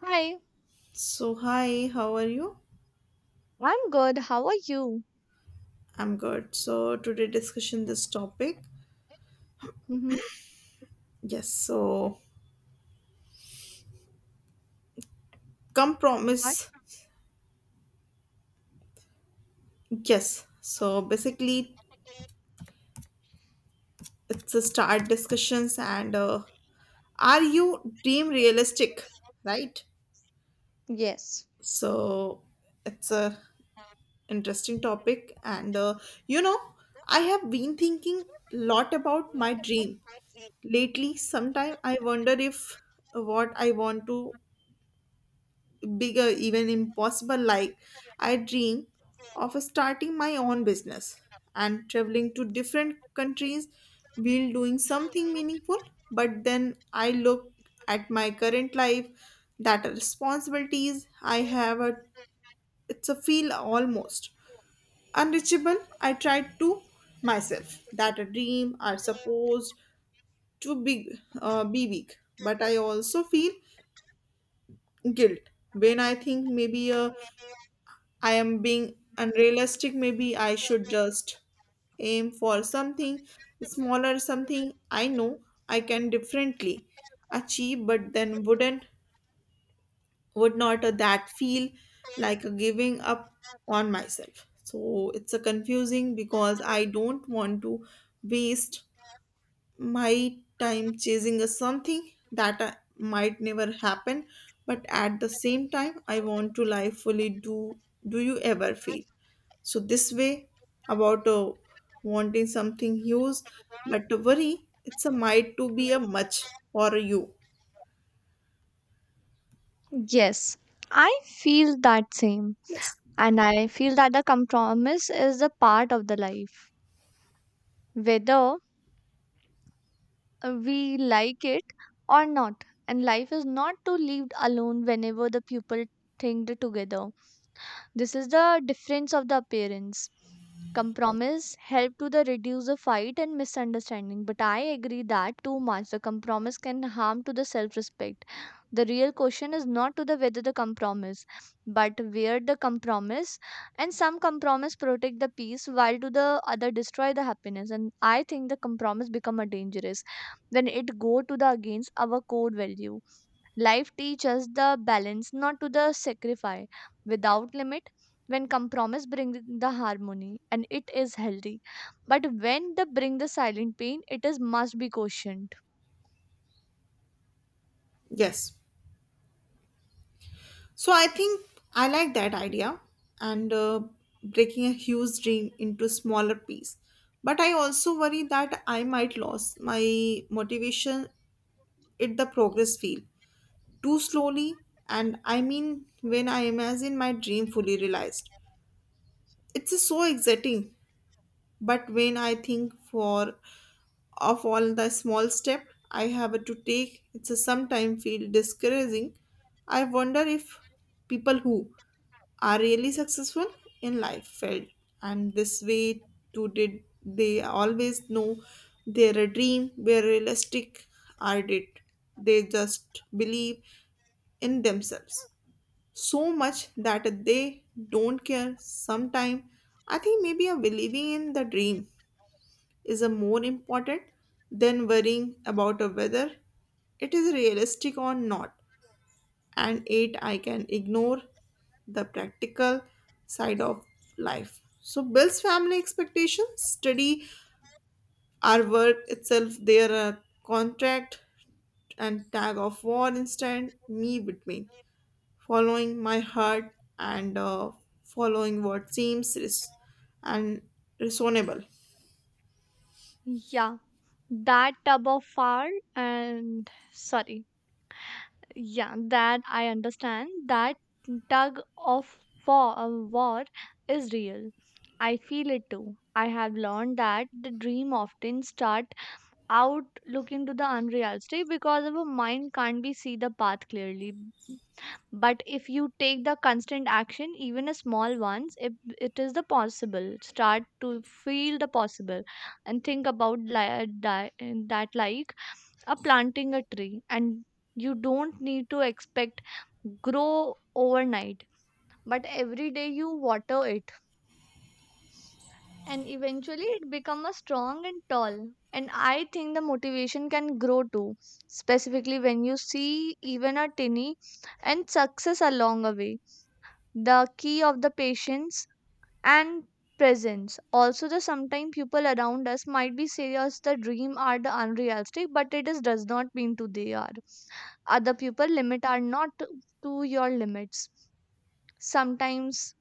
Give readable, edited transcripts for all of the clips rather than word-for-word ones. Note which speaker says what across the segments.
Speaker 1: Hi,
Speaker 2: So hi, how are you?
Speaker 1: I'm good. How are you?
Speaker 2: I'm good. So today discussion this topic.
Speaker 1: Mm-hmm.
Speaker 2: Yes, so
Speaker 1: What?
Speaker 2: compromise. Yes. So basically it's a start discussions and are you dream realistic, right?
Speaker 1: Yes.
Speaker 2: So it's a interesting topic and you know, I have been thinking lot about my dream lately. Sometime I wonder if what I want to bigger, even impossible. Like, I dream of starting my own business and traveling to different countries while doing something meaningful. But then I look at my current life, that responsibilities I have, a, it's a feel almost unreachable. I tried to myself that a dream are supposed to be big, but I also feel guilt when I think maybe a I am being unrealistic. Maybe I should just aim for something smaller, something I know I can differently achieve, but then would not that feel like a giving up on myself. So it's a confusing because I don't want to waste my time chasing a something that I, might never happen but at the same time I want to live fully do you ever feel so this way about wanting something huge but to worry it's a might to be a much for you.
Speaker 1: Yes, I feel that same.
Speaker 2: Yes,
Speaker 1: And I feel that the compromise is a part of the life, whether we like it or not. And life is not to lived alone whenever the people think together. This is the difference of the appearance. Compromise help to the reduce the fight and misunderstanding, but I agree that too much the compromise can harm to the self-respect. The real question is not to the whether the compromise, but where the compromise and some compromise protect the peace while to the other destroy the happiness. And I think the compromise become a dangerous when it go to the against our core value. Life teaches the balance, not to the sacrifice without limit. When compromise brings the harmony and it is healthy, but when they bring the silent pain, it is must be cautioned.
Speaker 2: yes, so I think I like that idea and breaking a huge dream into smaller piece but I also worry that I might lose my motivation it the progress feel too slowly and I mean when I imagine my dream fully realized it's just so exciting but when I think for of all the small step I have to take it's a sometimes feel discouraging. I wonder if people who are really successful in life field and this way too did they always know their dream were realistic are did they just believe in themselves so much that they don't care sometime. I think maybe a believing in the dream is a more important than worrying about a whether it is realistic or not and eight I can ignore the practical side of life so builds family expectations study our work itself their contract and tag of war instead me between following my heart and following what seems and reasonable.
Speaker 1: Yeah, that tub of fire and sorry. Yeah, that I understand. That tug of war, war is real. I feel it too. I have learned that the dream often start out looking to the unreality because our mind can't be see the path clearly, but if you take the constant action, even a small ones, it is the possible start to feel the possible. And think about that, like a planting a tree, and you don't need to expect grow overnight, but every day you water it, and eventually it become a strong and tall. And I think the motivation can grow too, specifically when you see even a tiny and success along the way. The key of the patience and presence. Also the sometimes people around us might be serious the dream are the unrealistic, but it is does not mean to they are. Other people limit are not to your limits. Sometimes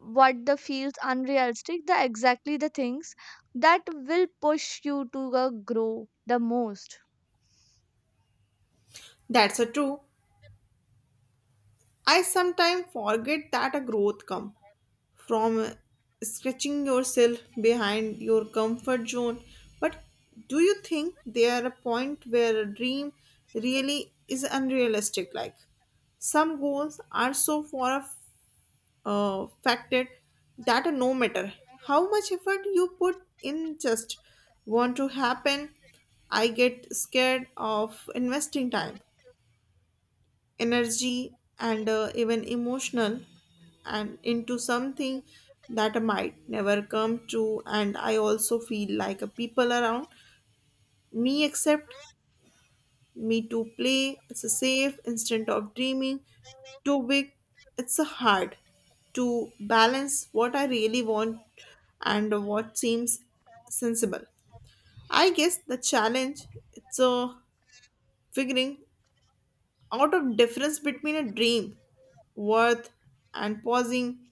Speaker 1: what the feels unrealistic the exactly the things that will push you to grow the most.
Speaker 2: That's a true. I sometimes forget that a growth comes from stretching yourself behind your comfort zone. But do you think there are a point where a dream really is unrealistic? Like some goals are so far factored that no matter how much effort you put in, just want to happen. I get scared of investing time energy and even emotional and into something that might never come true and I also feel like a people around me accept me to play it's a safe instant of dreaming too big. It's a hard to balance what I really want and what seems sensible. I guess the challenge it's a figuring out of difference between a dream worth and pausing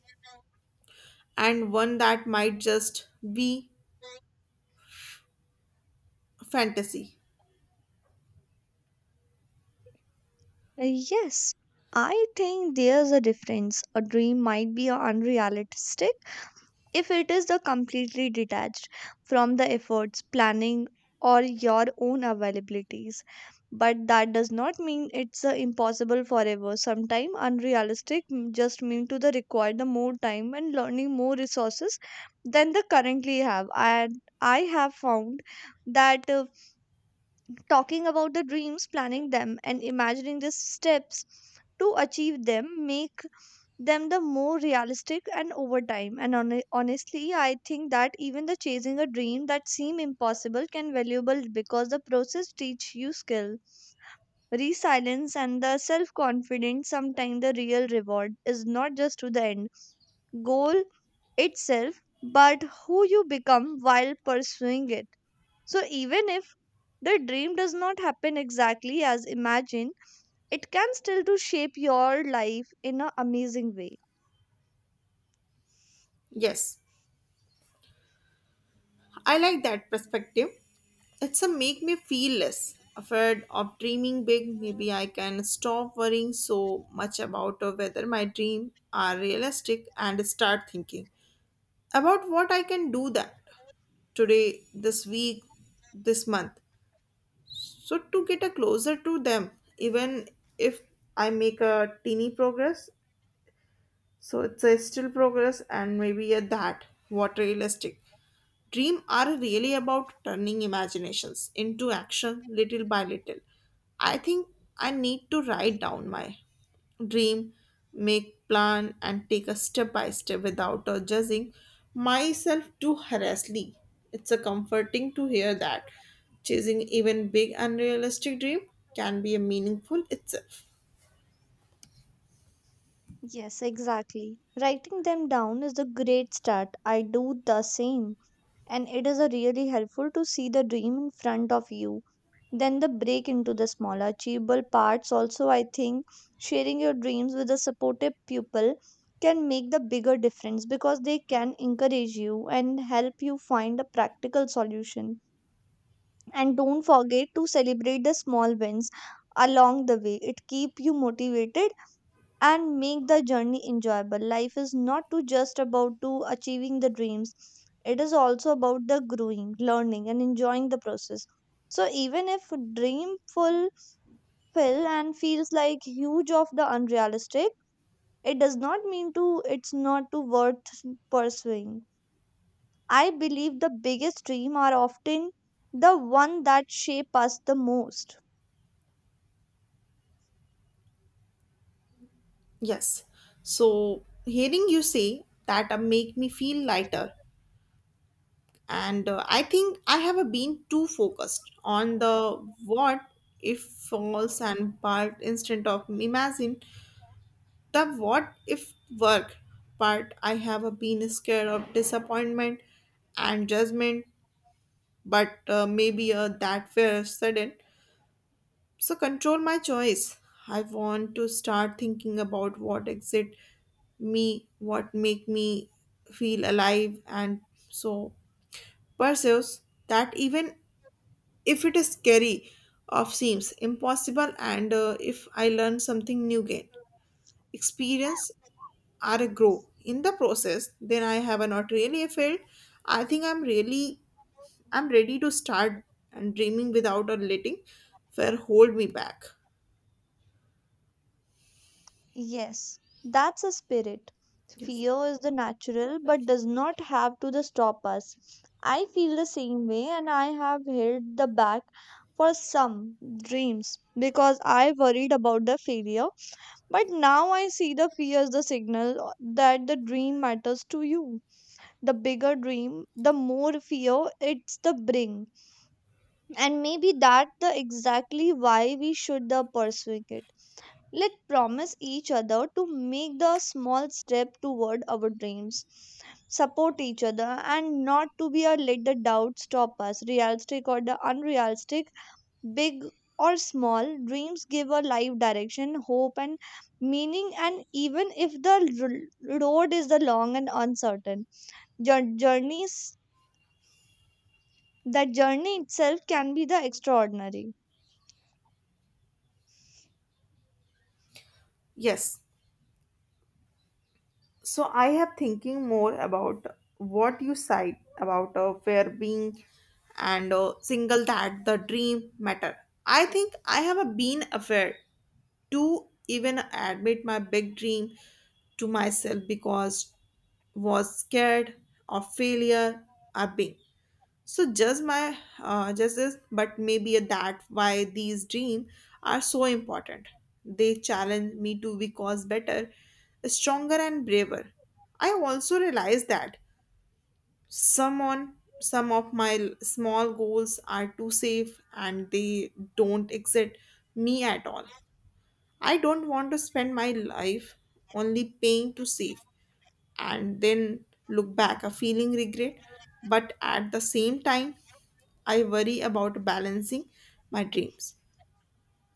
Speaker 2: and one that might just be a fantasy.
Speaker 1: Uh, Yes, I think there's a difference. A dream might be unrealistic if it is the completely detached from the efforts planning or your own availabilities, but that does not mean it's impossible forever. Sometimes unrealistic just mean to the require the more time and learning more resources than the currently have. And I have found that talking about the dreams, planning them, and imagining the steps to achieve them make them the more realistic. And over time, and honestly, I think that even the chasing a dream that seem impossible can valuable because the process teach you skill, resilience, and the self confidence. Sometimes the real reward is not just to the end goal itself, but who you become while pursuing it. So even if the dream does not happen exactly as imagined, it can still to shape your life in an amazing way.
Speaker 2: Yes, I like that perspective. It's a make me feel less afraid of dreaming big. Maybe I can stop worrying so much about whether my dreams are realistic and start thinking about what I can do that today this week this month. So to get a closer to them, even if I make a teeny progress, so it's a still progress and maybe a that, water elastic. Dreams are really about turning imaginations into action little by little. I think I need to write down my dream, make plan and take a step by step without judging myself too harshly. It's a comforting to hear that chasing even big unrealistic dream can be a meaningful itself.
Speaker 1: Yes, exactly. Writing them down is a great start. I do the same. And it is a really helpful to see the dream in front of you. Then the break into the smaller achievable parts. Also, I think sharing your dreams with a supportive pupil can make the bigger difference because they can encourage you and help you find a practical solution. And don't forget to celebrate the small wins along the way. It keep you motivated and make the journey enjoyable. Life is not to just about to achieving the dreams. It is also about the growing, learning, and enjoying the process. So even if dream fulfill and feels like huge of the unrealistic, it does not mean to it's not to worth pursuing. I believe the biggest dream are often the one that shape us the most.
Speaker 2: Yes. So hearing you say that make me feel lighter and I think I have been too focused on the what if false and part instead of imagine the what if work part. I have been scared of disappointment and judgment but maybe that fear sudden so control my choice. I want to start thinking about what exit me what make me feel alive and so pursues that even if it is scary of seems impossible and if I learn something new gain experience or a grow in the process then I have not really failed. I think I'm ready to start and dreaming without a letting fear hold me back.
Speaker 1: Yes, that's a spirit.
Speaker 2: Yes,
Speaker 1: Fear is the natural but does not have to the stop us. I feel the same way, and I have held the back for some dreams because I worried about the failure. But now I see the fear as the signal that the dream matters to you. The bigger dream, the more fear it's the bring. And maybe that the exactly why we should the pursuing it. Let's promise each other to make the small step toward our dreams, support each other, and not to be a let the doubt stop us, realistic or the unrealistic, big or small. Dreams give a life direction, hope, and meaning, and even if the road is the long and uncertain, journeys that journey itself can be the extraordinary.
Speaker 2: yes. So I have thinking more about what you said about fear being and single that the dream matter. I think I have been aware to even admit my big dream to myself because was scared of failure a being. So just my just this, but maybe that why these dreams are so important. They challenge me to because better, stronger and braver. I also realized that some on some of my small goals are too safe and they don't exit me at all. I don't want to spend my life only paying to save and then look back a feeling regret. But at the same time, I worry about balancing my dreams.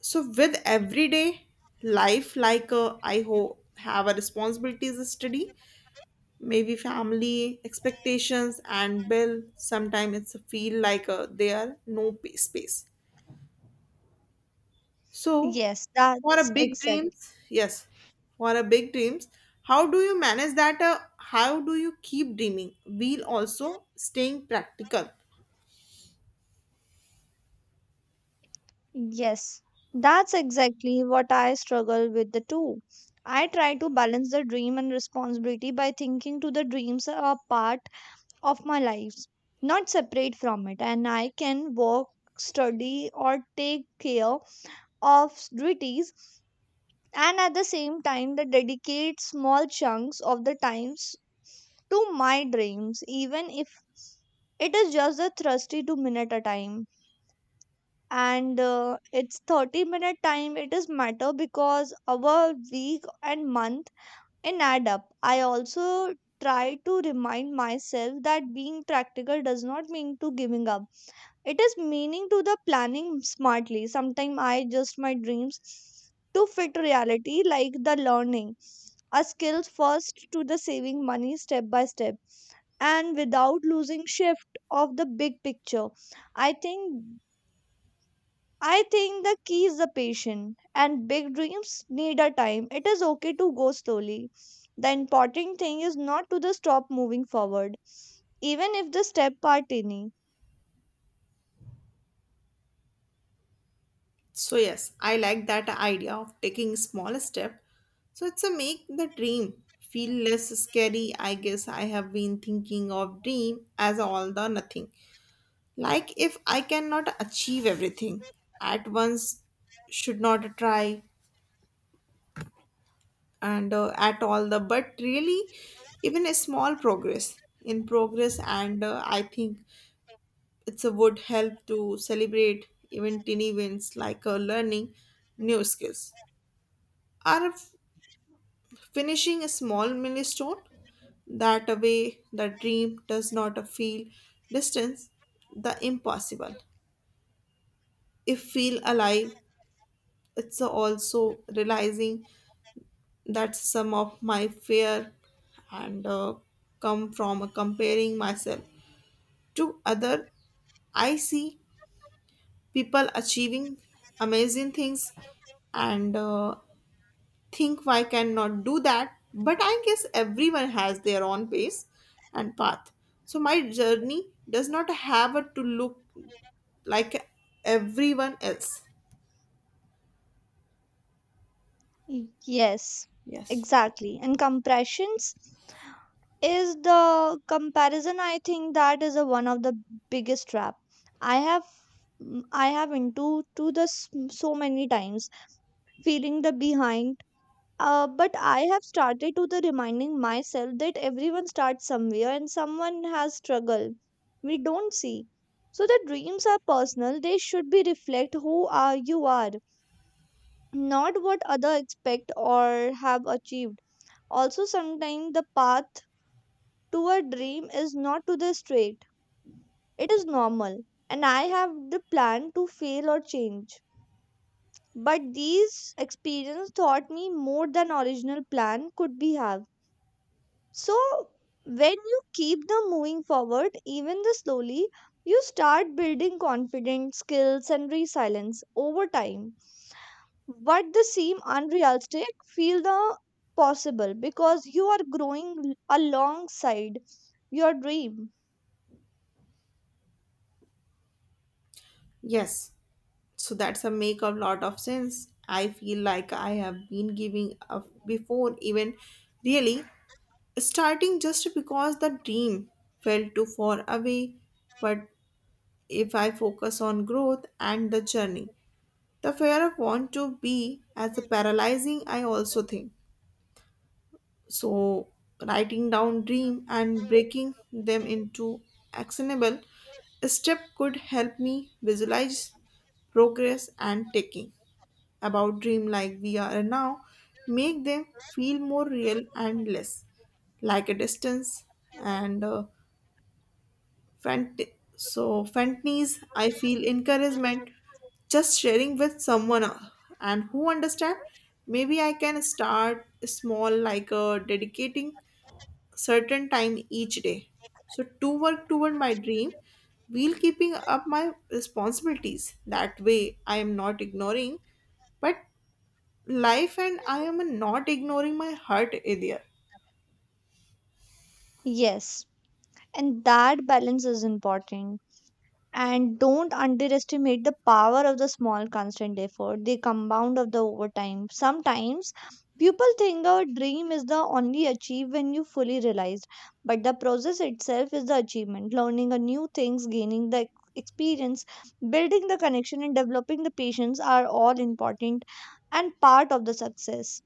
Speaker 2: So with everyday life, like I hope have a responsibilities to study, maybe family expectations and bill. Sometimes it's feel like there are no space. So,
Speaker 1: Yes,
Speaker 2: for a
Speaker 1: that's
Speaker 2: big
Speaker 1: exactly.
Speaker 2: dreams, yes, for a big dreams, how do you manage that? How do you keep dreaming while also staying practical?
Speaker 1: Yes, that's exactly what I struggle with the two. I try to balance the dream and responsibility by thinking to the dreams are a part of my lives, not separate from it, and I can work, study, or take care of duties, and at the same time, the dedicate small chunks of the times to my dreams, even if it is just a thirsty 2 minute a time. And it's 30-minute time, it is matter because our week and month in add up. I also try to remind myself that being practical does not mean to giving up. It is meaning to the planning smartly. Sometimes I adjust my dreams to fit reality, like the learning a skills first to the saving money step by step and without losing shift of the big picture. i think I think the key is the patient, and big dreams need a time. It is okay to go slowly. The important thing is not to the stop moving forward, even if the step are tiny.
Speaker 2: So yes, I like that idea of taking small step. So it's a make the dream feel less scary. I guess I have been thinking of dream as all the nothing. Like if I cannot achieve everything at once, should not try and at all the but really even a small progress in progress and I think it's a would help to celebrate even tiny wins like learning new skills or finishing a small milestone. That way the dream does not feel distance the impossible if feel alive. It's also realizing that's some of my fear and come from comparing myself to other. I see people achieving amazing things and think why cannot do that. But I guess everyone has their own pace and path. So my journey does not have to look like everyone else.
Speaker 1: Yes,
Speaker 2: Yes.
Speaker 1: exactly. And compressions is the comparison. I think that is a, one of the biggest trap. I have I have into to this so many times feeling the behind. But I have started to the reminding myself that everyone starts somewhere and someone has struggle we don't see. So the dreams are personal. They should be reflect who are you are, not what other expect or have achieved. Also, sometimes the path to a dream is not to the straight. It is normal, and I have the plan to fail or change. But these experience taught me more than original plan could be have. So when you keep them moving forward, even the slowly, you start building confidence, skills, and resilience over time. What they seem unrealistic, feel the possible because you are growing alongside your dream.
Speaker 2: Yes. So that's a make a lot of sense. I feel like I have been giving up before even really starting just because the dream felt too far away. But if I focus on growth and the journey, the fear of want to be as a paralyzing I also think. So writing down dream and breaking them into actionable step could help me visualize progress and taking about dream like we are now make them feel more real and less like a distance and so fantasies. I feel encouragement just sharing with someone and who understand. Maybe I can start small like dedicating certain time each day so to work toward my dream while keeping up my responsibilities. That way I am not ignoring but life and I am not ignoring my heart either.
Speaker 1: Yes, and that balance is important, and don't underestimate the power of the small constant effort the compound of the overtime. Sometimes people think a dream is the only achieved when you fully realized, but the process itself is the achievement. Learning a new things, gaining the experience, building the connection, and developing the patience are all important and part of the success.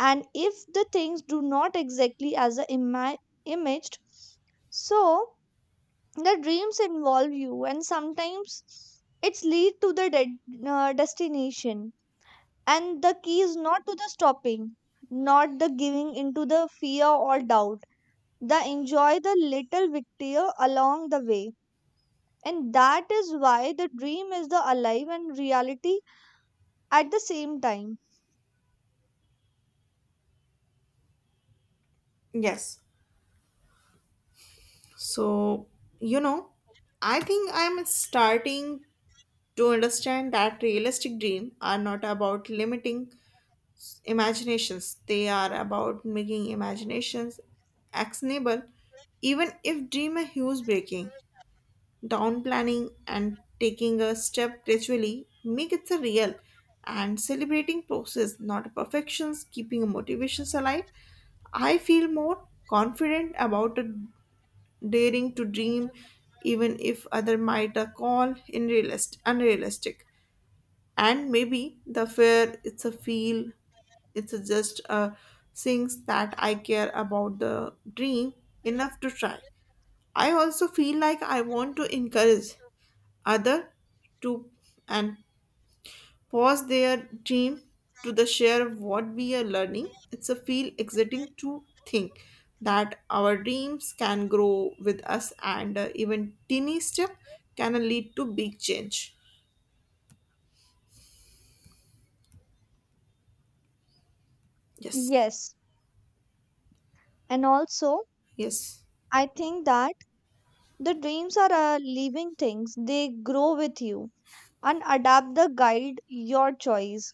Speaker 1: And if the things do not exactly as the imaged, so the dreams involve you, and sometimes it's lead to the destination. And the key is not to the stopping, not the giving into the fear or doubt, the enjoy the little victory along the way. And that is why the dream is the alive and reality at the same time.
Speaker 2: Yes, so you know I think I'm starting to understand that realistic dreams are not about limiting imaginations. They are about making imaginations actionable, even if dream a huge breaking down planning and taking a step gradually make it a real and celebrating process not a perfections keeping motivations alive. I feel more confident about a daring to dream even if other might call in realist unrealistic and maybe the fear it's a feel it's a just things that I care about the dream enough to try. I also feel like I want to encourage other to and pause their dream to the share what we are learning. It's a feel exciting to think that our dreams can grow with us and even teeny step can lead to big change. Yes,
Speaker 1: Yes, and also
Speaker 2: yes,
Speaker 1: I think that the dreams are living things. They grow with you and adapt the guide your choice.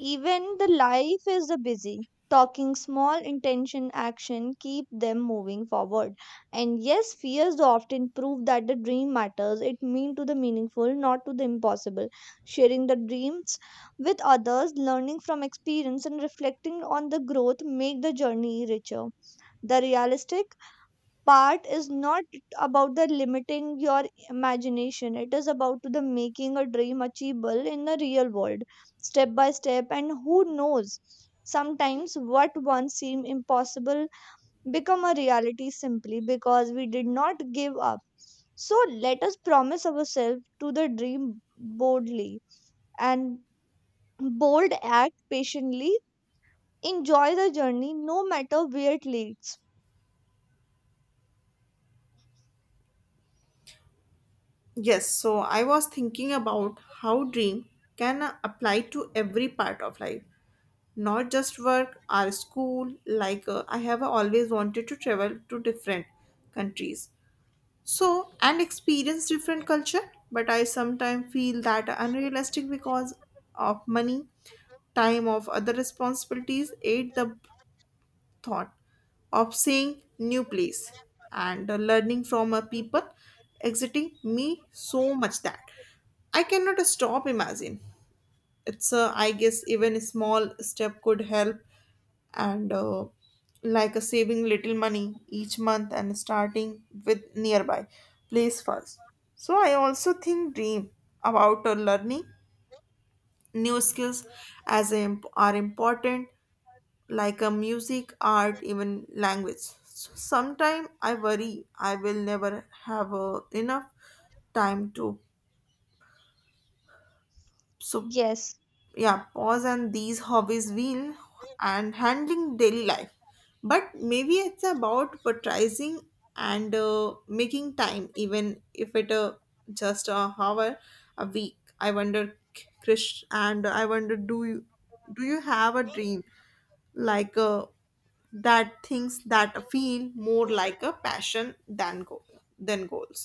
Speaker 1: Even the life is a busy. Talking small intention action keep them moving forward. And yes, fears often prove that the dream matters. It mean to the meaningful, not to the impossible. Sharing the dreams with others, learning from experience, and reflecting on the growth make the journey richer. The realistic part is not about the limiting your imagination. It is about the making a dream achievable in the real world step by step. And who knows, sometimes what once seemed impossible become a reality simply because we did not give up. So let us promise ourselves to the dream boldly and bold, act patiently, enjoy the journey no matter where it leads.
Speaker 2: yes. So I was thinking about how dream can apply to every part of life, not just work or school. Like I have always wanted to travel to different countries so and experience different culture but I sometimes feel that unrealistic because of money time of other responsibilities aid the thought of seeing new place and learning from a people exiting me so much that I cannot stop imagine. It's a, I guess even a small step could help and like a saving little money each month and starting with nearby place first. So I also think dream about learning new skills as they are important, like a music art even language. So sometime I worry I will never have enough time to so
Speaker 1: Yes,
Speaker 2: yeah pause and these hobbies wheel and handling daily life. But maybe it's about prioritizing and making time even if it just a hour a week. I wonder krish and I wonder do you have a dream like that things that feel more like a passion than goals.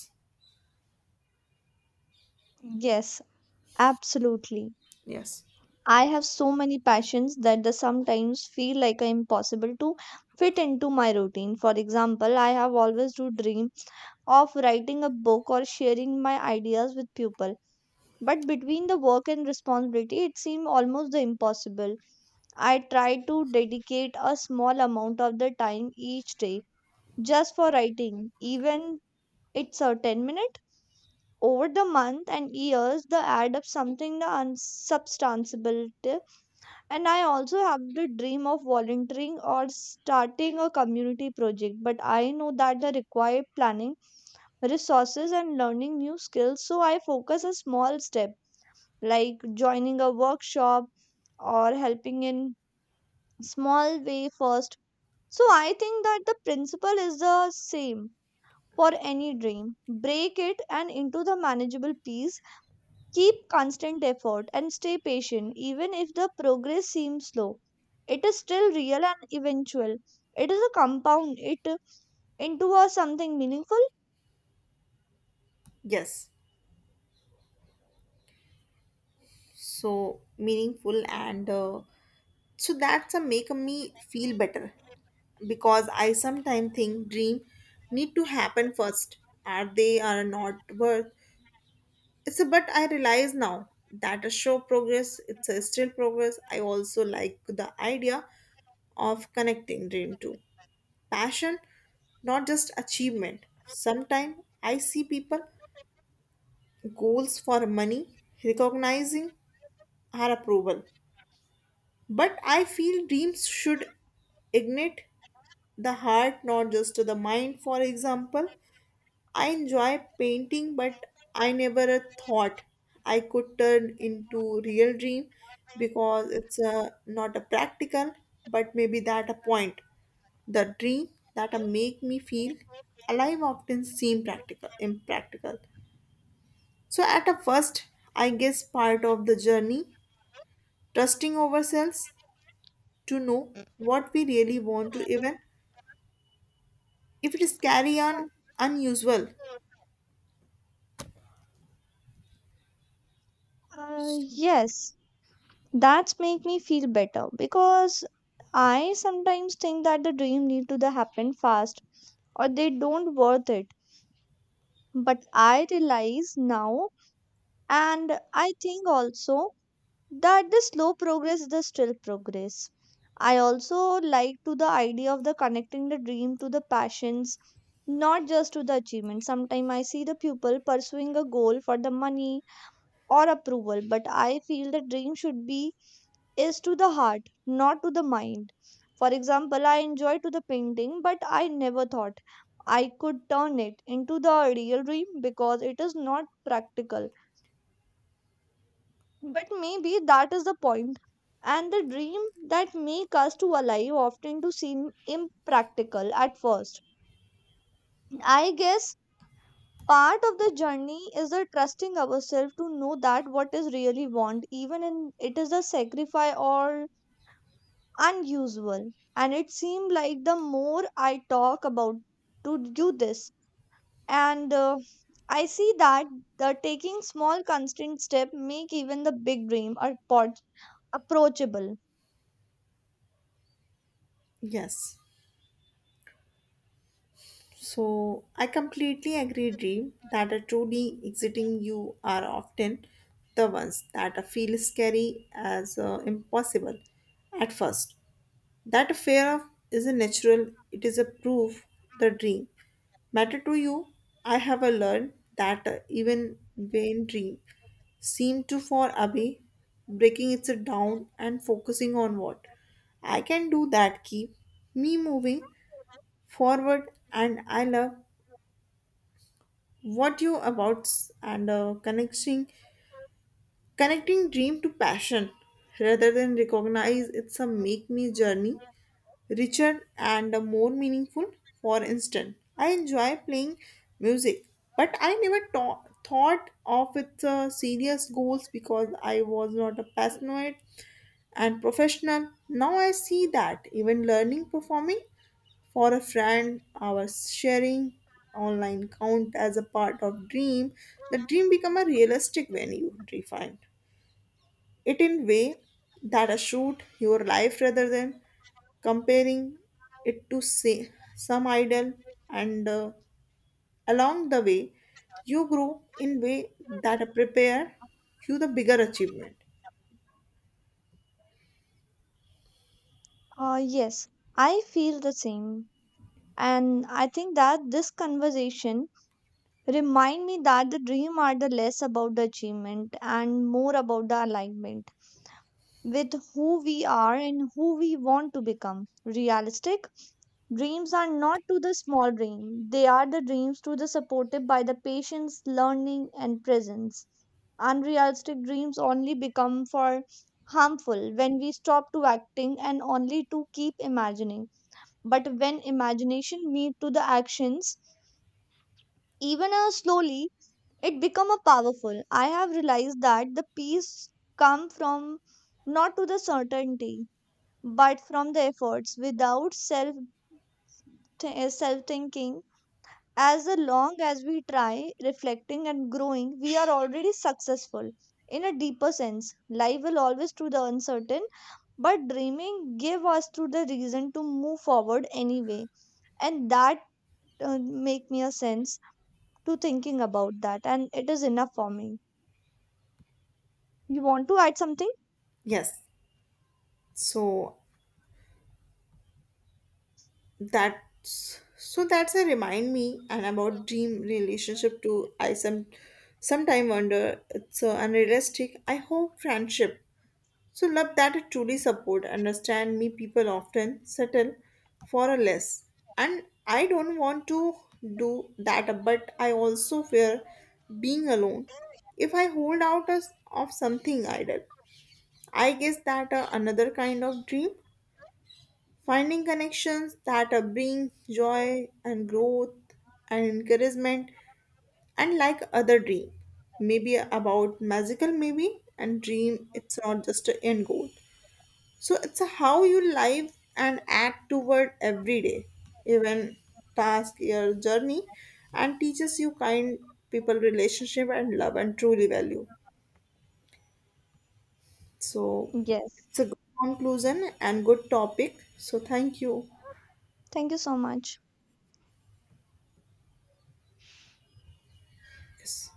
Speaker 1: yes, absolutely.
Speaker 2: Yes,
Speaker 1: I have so many passions that they sometimes feel like I impossible to fit into my routine. For example, I have always to dream of writing a book or sharing my ideas with people. But between the work and responsibility, it seemed almost impossible. I try to dedicate a small amount of the time each day just for writing, even it's a 10 minute. Over the month and years, they add up something unsubstantial. And I also have the dream of volunteering or starting a community project, but I know that the required planning, resources, and learning new skills. So I focus a small step like joining a workshop or helping in small way first. So I think that the principle is the same for any dream. Break it and into the manageable piece. Keep constant effort and stay patient, even if the progress seems slow. It is still real and eventual. It is a compound it into a something meaningful.
Speaker 2: yes. So meaningful and so that's a make me feel better because I sometimes think dream need to happen first are they are not worth it's a, but I realize now that a show progress it's a still progress. I also like the idea of connecting dream to passion not just achievement. Sometimes I see people goals for money recognizing our approval but I feel dreams should ignite the heart not just to the mind. For example, I enjoy painting but I never thought I could turn into real dream because it's a not a practical but maybe that a point the dream that make me feel alive often seem practical impractical so at a first. I guess part of the journey trusting ourselves to know what we really want to even if it is carry on unusual.
Speaker 1: Yes, that's make me feel better because I sometimes think that the dream need to the happen fast or they don't worth it. But I realize now, and I think also that the slow progress is the still progress. I also like to the idea of the connecting the dream to the passions, not just to the achievement. Sometimes I see the pupil pursuing a goal for the money or approval, but I feel the dream should be is to the heart, not to the mind. For example, I enjoy to the painting, but I never thought I could turn it into the real dream because it is not practical, but maybe that is the point. And the dream that make us to alive often to seem impractical at first. I guess part of the journey is the trusting ourselves to know that what is really want, even in it is a sacrifice or unusual. And it seemed like the more I talk about to do this, and I see that the taking small constant step make even the big dream approachable.
Speaker 2: Yes. So I completely agree, Dream, that are truly exiting you are often the ones that feel scary as impossible at first. That fear of is a natural, it is a proof the dream matter to you. I have learned that even when dream seem too far away, breaking it down and focusing on what I can do that keep me moving forward. And I love what you about and connecting dream to passion rather than recognize. It's a make me journey richer and more meaningful. For instance I enjoy playing music but I never thought of its serious goals because I was not a passionate and professional. Now I see that even learning performing for a friend, our sharing online count as a part of dream, the dream become a realistic when you define it in way that a shoot your life rather than comparing it to say some idol and along the way you grow in way that prepare you the bigger achievement.
Speaker 1: Yes, I feel the same. And I think that this conversation remind me that the dream are the less about the achievement and more about the alignment with who we are and who we want to become. Realistic dreams are not to the small dream. They are the dreams to the supported by the patience, learning, and presence. Unrealistic dreams only become for harmful when we stop to acting and only to keep imagining, but when imagination meet to the actions, even slowly, it become a powerful. I have realized that the peace come from not to the certainty, but from the efforts without self thinking. As the long as we try reflecting and growing, we are already successful in a deeper sense. Life will always to the uncertain, but dreaming give us to the reason to move forward anyway. And that, uh, make me a sense to thinking about that, and it is enough for me. You want to add something?
Speaker 2: Yes, so that's a remind me and about dream relationship too. I sometime wonder it's so unrealistic. I hope friendship so love that it truly support understand me. People often settle for a less and I don't want to do that but I also fear being alone if I hold out as of something idle. I guess that another kind of dream finding connections that bring joy and growth and encouragement, and like other dream, maybe about magical, maybe, and dream, it's not just an end goal. So it's how you live and act toward every day, even task your journey, and teaches you kind people relationship and love and truly value. So
Speaker 1: Yes.
Speaker 2: it's a good conclusion and good topic. So thank you.
Speaker 1: Thank you so much.
Speaker 2: Yes.